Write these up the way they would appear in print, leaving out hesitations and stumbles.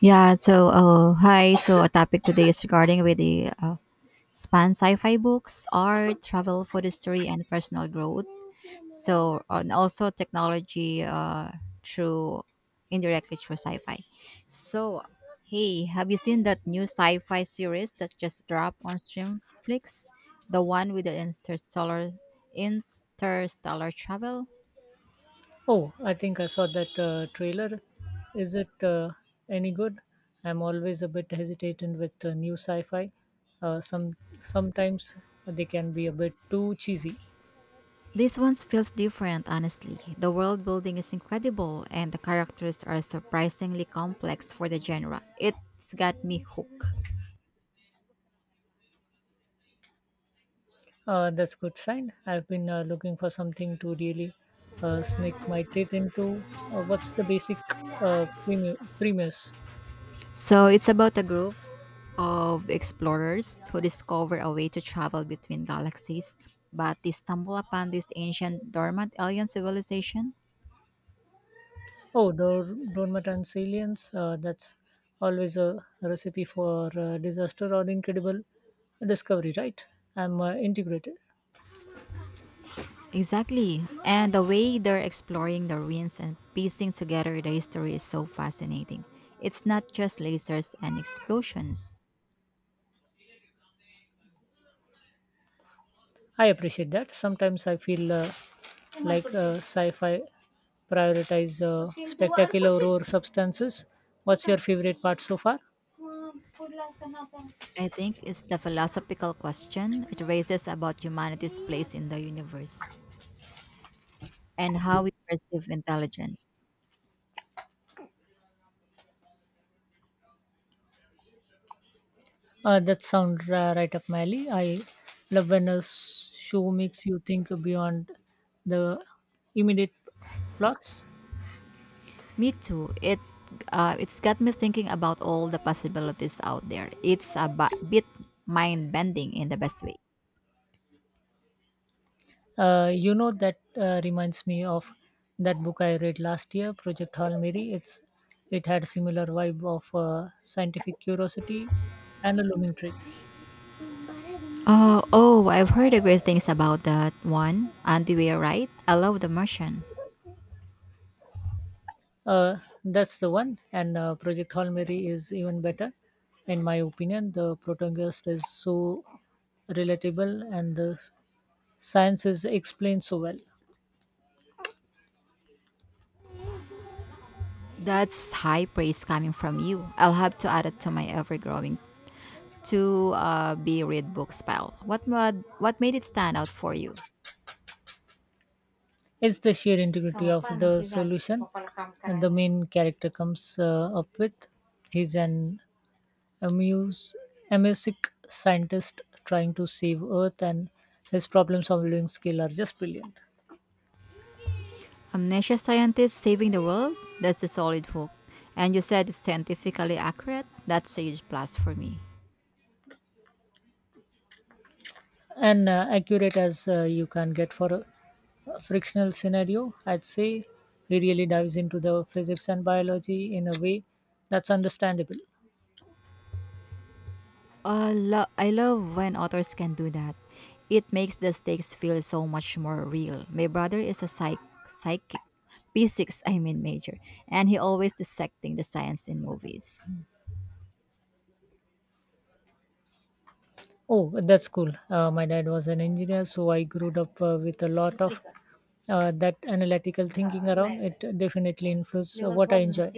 Yeah, hi. So our topic today is regarding with the span sci-fi books, art, travel, food history, and personal growth. So and also technology through indirectly through sci-fi. So hey, have you seen that new sci-fi series that just dropped on Streamflix? The one with the interstellar travel? Oh, I think I saw that trailer. Is it any good? I'm always a bit hesitant with new sci-fi. Uh, some sometimes they can be a bit too cheesy. This one feels different, honestly. The world building is incredible, and the characters are surprisingly complex for the genre. It's got me hooked. That's good sign. I've been looking for something to really sneak my teeth into. What's the basic premise? So, it's about a group of explorers who discover a way to travel between galaxies, but they stumble upon this ancient, dormant alien civilization. Oh, Dormant Aliens. That's always a recipe for disaster or incredible discovery, right? I'm integrated. Exactly. And the way they're exploring the ruins and piecing together the history is so fascinating. It's not just lasers and explosions. I appreciate that. Sometimes I feel like sci-fi prioritize spectacular over substances. What's your favorite part so far? I think it's the philosophical question it raises about humanity's place in the universe and how we perceive intelligence. That sounds right up my alley. I love when a show makes you think beyond the immediate plots. Me too. It's got me thinking about all the possibilities out there. It's a bit mind bending in the best way. You know that reminds me of that book I read last year, Project Hail Mary. It had a similar vibe of scientific curiosity and a looming threat. Oh, I've heard the great things about that one. Andy Weir, right? I love The Martian. Uh, that's the one. And Project Hail Mary is even better, in my opinion. The protagonist is so relatable, and the science is explained so well. That's high praise coming from you. I'll have to add it to my ever growing to be read books pile. What, what made it stand out for you? It's the sheer integrity of the solution and the main character comes up with. He's an amuse, amnesic scientist trying to save Earth, and his problem-solving skill are just brilliant. Amnesia scientists saving the world? That's a solid hook. And you said it's scientifically accurate? That's a huge plus for me. And accurate as you can get for a frictional scenario. I'd say he really dives into the physics and biology in a way that's understandable. I love when authors can do that. It makes the stakes feel so much more real. My brother is a psychic, physics, I mean major, and he always dissecting the science in movies. Oh, that's cool. My dad was an engineer, so I grew up with a lot of that analytical thinking around. It definitely influences what I enjoy.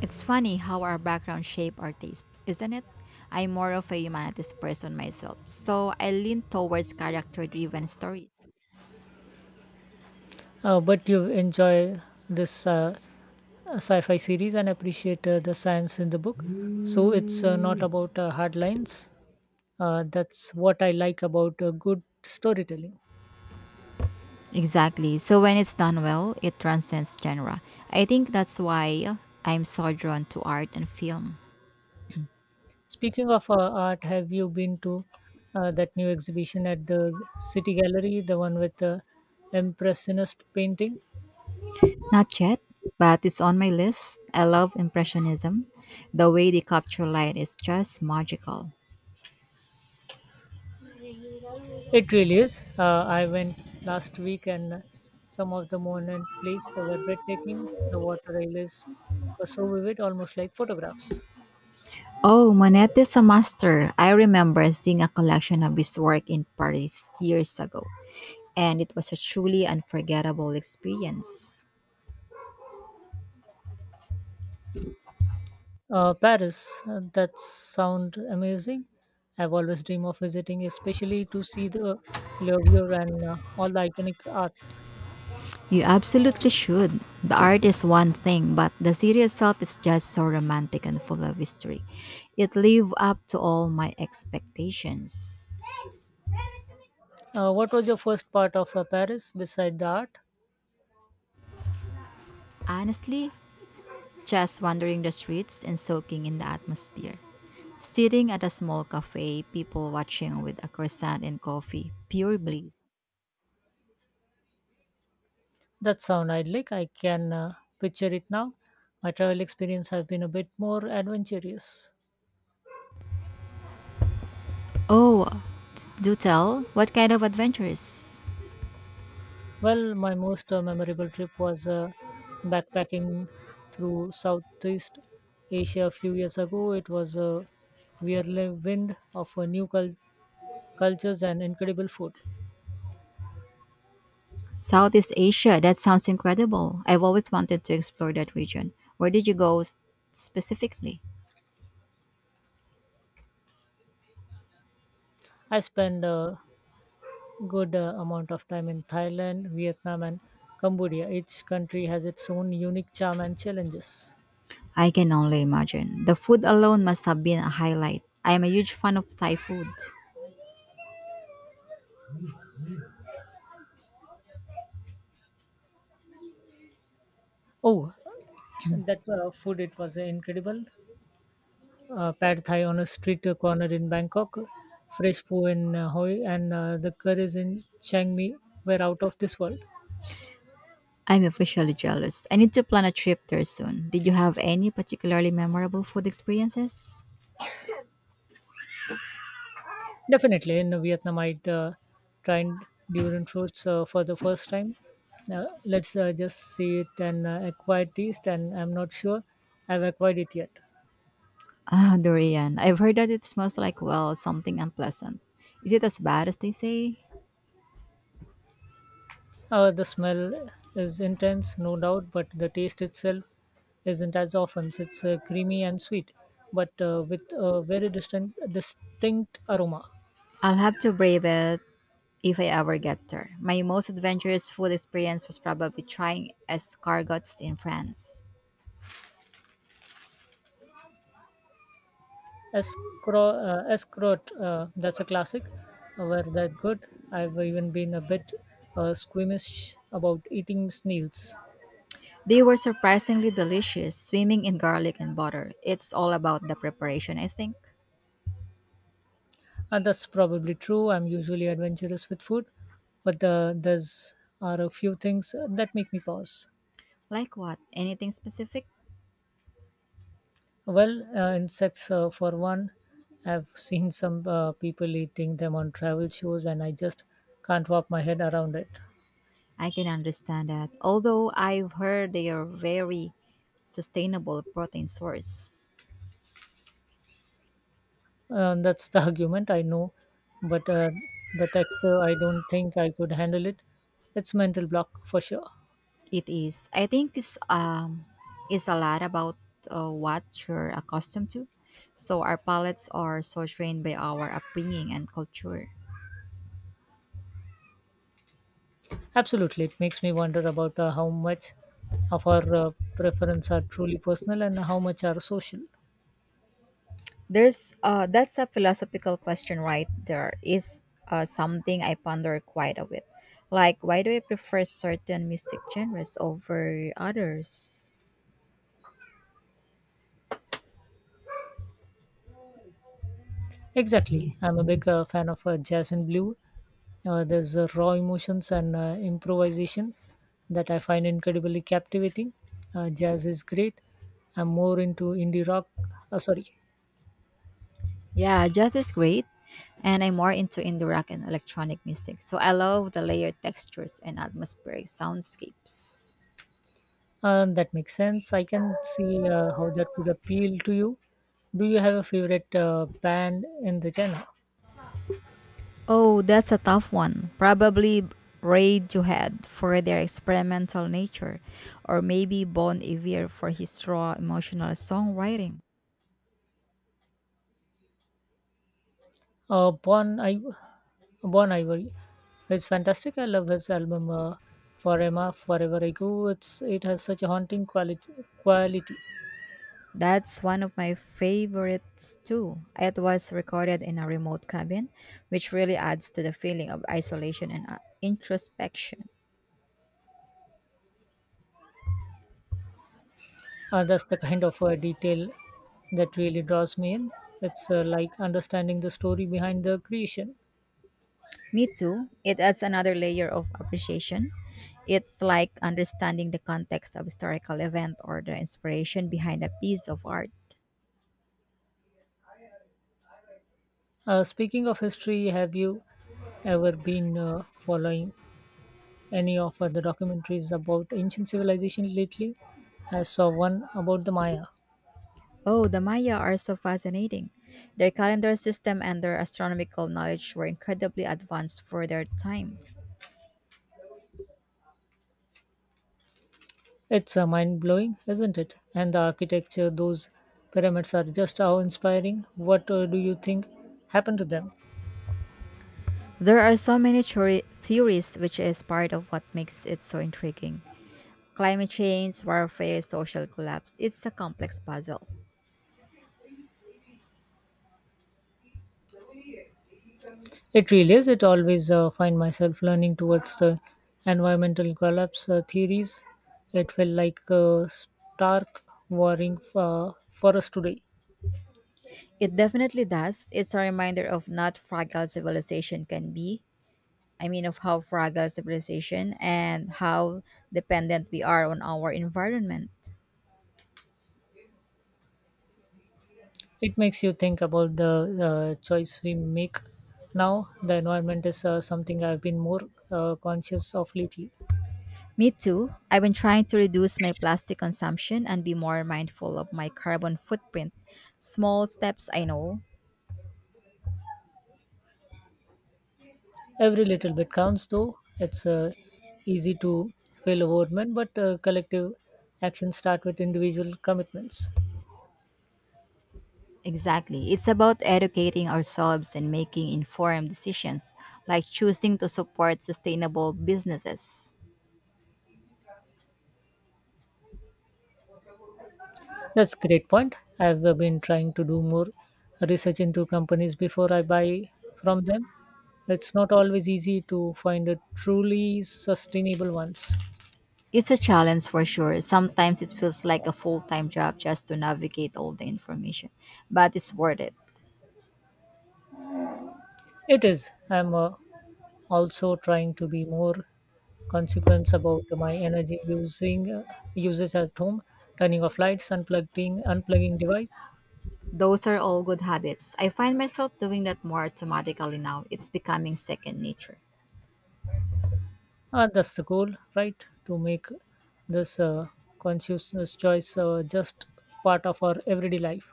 It's funny how our background shape our taste, isn't it? I'm more of a humanities person myself, so I lean towards character-driven stories. But you enjoy this sci fi series and appreciate the science in the book. So it's not about hard lines. That's what I like about good storytelling. Exactly. So when it's done well, it transcends genre. I think that's why I'm so drawn to art and film. Speaking of art, have you been to that new exhibition at the City Gallery, the one with the Impressionist painting? Not yet, but it's on my list. I love Impressionism. The way they capture light is just magical. It really is. I went last week and some of the moment plays were breathtaking. The water railways were so vivid, almost like photographs. Oh, Monet is a master. I remember seeing a collection of his work in Paris years ago, and it was a truly unforgettable experience. Paris, that sound amazing. I've always dreamed of visiting, especially to see the Louvre and all the iconic arts. You absolutely should. The art is one thing, but the city itself is just so romantic and full of history. It lived up to all my expectations. What was your first part of Paris beside the art? Honestly, just wandering the streets and soaking in the atmosphere. Sitting at a small cafe, people watching with a croissant and coffee. Pure bliss. That sound idyllic. I can picture it now. My travel experience has been a bit more adventurous. Oh, do tell, what kind of adventures? Well, my most memorable trip was backpacking through Southeast Asia a few years ago. It was a whirlwind of a new culture cultures and incredible food. Southeast Asia, that sounds incredible. I've always wanted to explore that region. Where did you go specifically? I spend a good amount of time in Thailand, Vietnam, and Cambodia. Each country has its own unique charm and challenges. I can only imagine. The food alone must have been a highlight. I am a huge fan of Thai food. Oh, that food it was incredible. Pad Thai on a street corner in Bangkok, fresh po in Hoi, and the curries in Chiang Mai were out of this world. I'm officially jealous. I need to plan a trip there soon. Did you have any particularly memorable food experiences? Definitely, in Vietnam, I tried durian fruits for the first time. Let's just see it and acquire taste, and I'm not sure I've acquired it yet. Ah, durian. I've heard that it smells like, well, something unpleasant. Is it as bad as they say? The smell is intense, no doubt, but the taste itself isn't as often. It's creamy and sweet, but with a very distinct aroma. I'll have to brave it if I ever get there. My most adventurous food experience was probably trying escargots in France. Escroat, that's a classic. Were that good? I've even been a bit squeamish about eating snails. They were surprisingly delicious, swimming in garlic and butter. It's all about the preparation, I think. And that's probably true. I'm usually adventurous with food, but there's are a few things that make me pause. Like what? Anything specific? Well, insects, for one, I've seen some people eating them on travel shows, and I just can't wrap my head around it. I can understand that. Although I've heard they are very sustainable protein source. That's the argument, I know, but the texture, I don't think I could handle it. It's mental block for sure. It is. I think it's it's a lot about what you're accustomed to. So our palates are so trained by our upbringing and culture. Absolutely, it makes me wonder about how much of our preference are truly personal and how much are social. There's that's a philosophical question right there. Is something I ponder quite a bit. Like why do I prefer certain mystic genres over others? Exactly, I'm a big fan of jazz and blue. There's raw emotions and improvisation that I find incredibly captivating. Jazz is great. I'm more into indie rock. Uh, sorry, Yeah, jazz is great, and I'm more into indie rock and electronic music. So I love the layered textures and atmospheric soundscapes. That makes sense. I can see how that would appeal to you. Do you have a favorite band in the genre? Oh, that's a tough one. Probably Radiohead for their experimental nature, or maybe Bon Iver for his raw emotional songwriting. Uh, Bon, I- Bon Ivory is fantastic. I love his album Forever, Forever Ago. It has such a haunting quality. Quality. That's one of my favorites too. It was recorded in a remote cabin, which really adds to the feeling of isolation and introspection. That's the kind of detail that really draws me in. It's like understanding the story behind the creation. Me too. It adds another layer of appreciation. It's like understanding the context of historical event or the inspiration behind a piece of art. Speaking of history, have you ever been following any of the documentaries about ancient civilization lately? I saw one about the Maya. Oh, the Maya are so fascinating. Their calendar system and their astronomical knowledge were incredibly advanced for their time. It's mind blowing, isn't it? And the architecture, those pyramids are just how inspiring. What do you think happened to them? There are so many theories, which is part of what makes it so intriguing. Climate change, warfare, social collapse, it's a complex puzzle. It really is. It always find myself learning towards the environmental collapse theories. It felt like a stark warring for us today. It definitely does. It's a reminder of not fragile civilization can be. I mean, of how fragile civilization and how dependent we are on our environment. It makes you think about the choice we make now. The environment is something I've been more conscious of lately. Me too. I've been trying to reduce my plastic consumption and be more mindful of my carbon footprint. Small steps, I know. Every little bit counts, though. It's easy to fail overwhelmed, but collective actions start with individual commitments. Exactly. It's about educating ourselves and making informed decisions, like choosing to support sustainable businesses. That's great point. I've been trying to do more research into companies before I buy from them. It's not always easy to find a truly sustainable ones. It's a challenge for sure. Sometimes it feels like a full time job just to navigate all the information, but it's worth it. It is. I'm also trying to be more consequence about my energy using uses at home, turning off lights, unplugging device. Those are all good habits. I find myself doing that more automatically now. It's becoming second nature. That's the goal, right, to make this consciousness choice just part of our everyday life.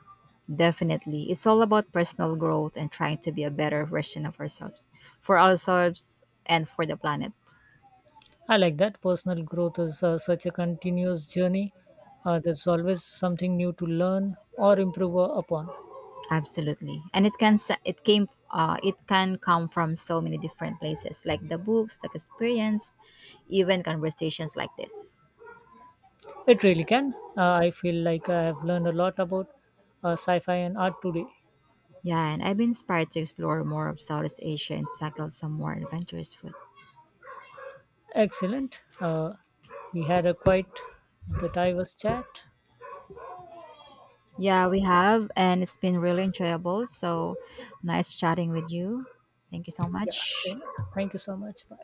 Definitely. It's all about personal growth and trying to be a better version of ourselves, for ourselves and for the planet. I like that. Personal growth is such a continuous journey. There's always something new to learn or improve upon. Absolutely. And it can it can come from so many different places like the books, the experience, even conversations like this. It really can. I feel like I have learned a lot about sci-fi and art today. Yeah, and I've been inspired to explore more of Southeast Asia and tackle some more adventurous food. Excellent. We had a quite the diverse chat. Yeah, we have and it's been really enjoyable. So nice chatting with you. Thank you so Yeah. much. So thank you so much. Bye.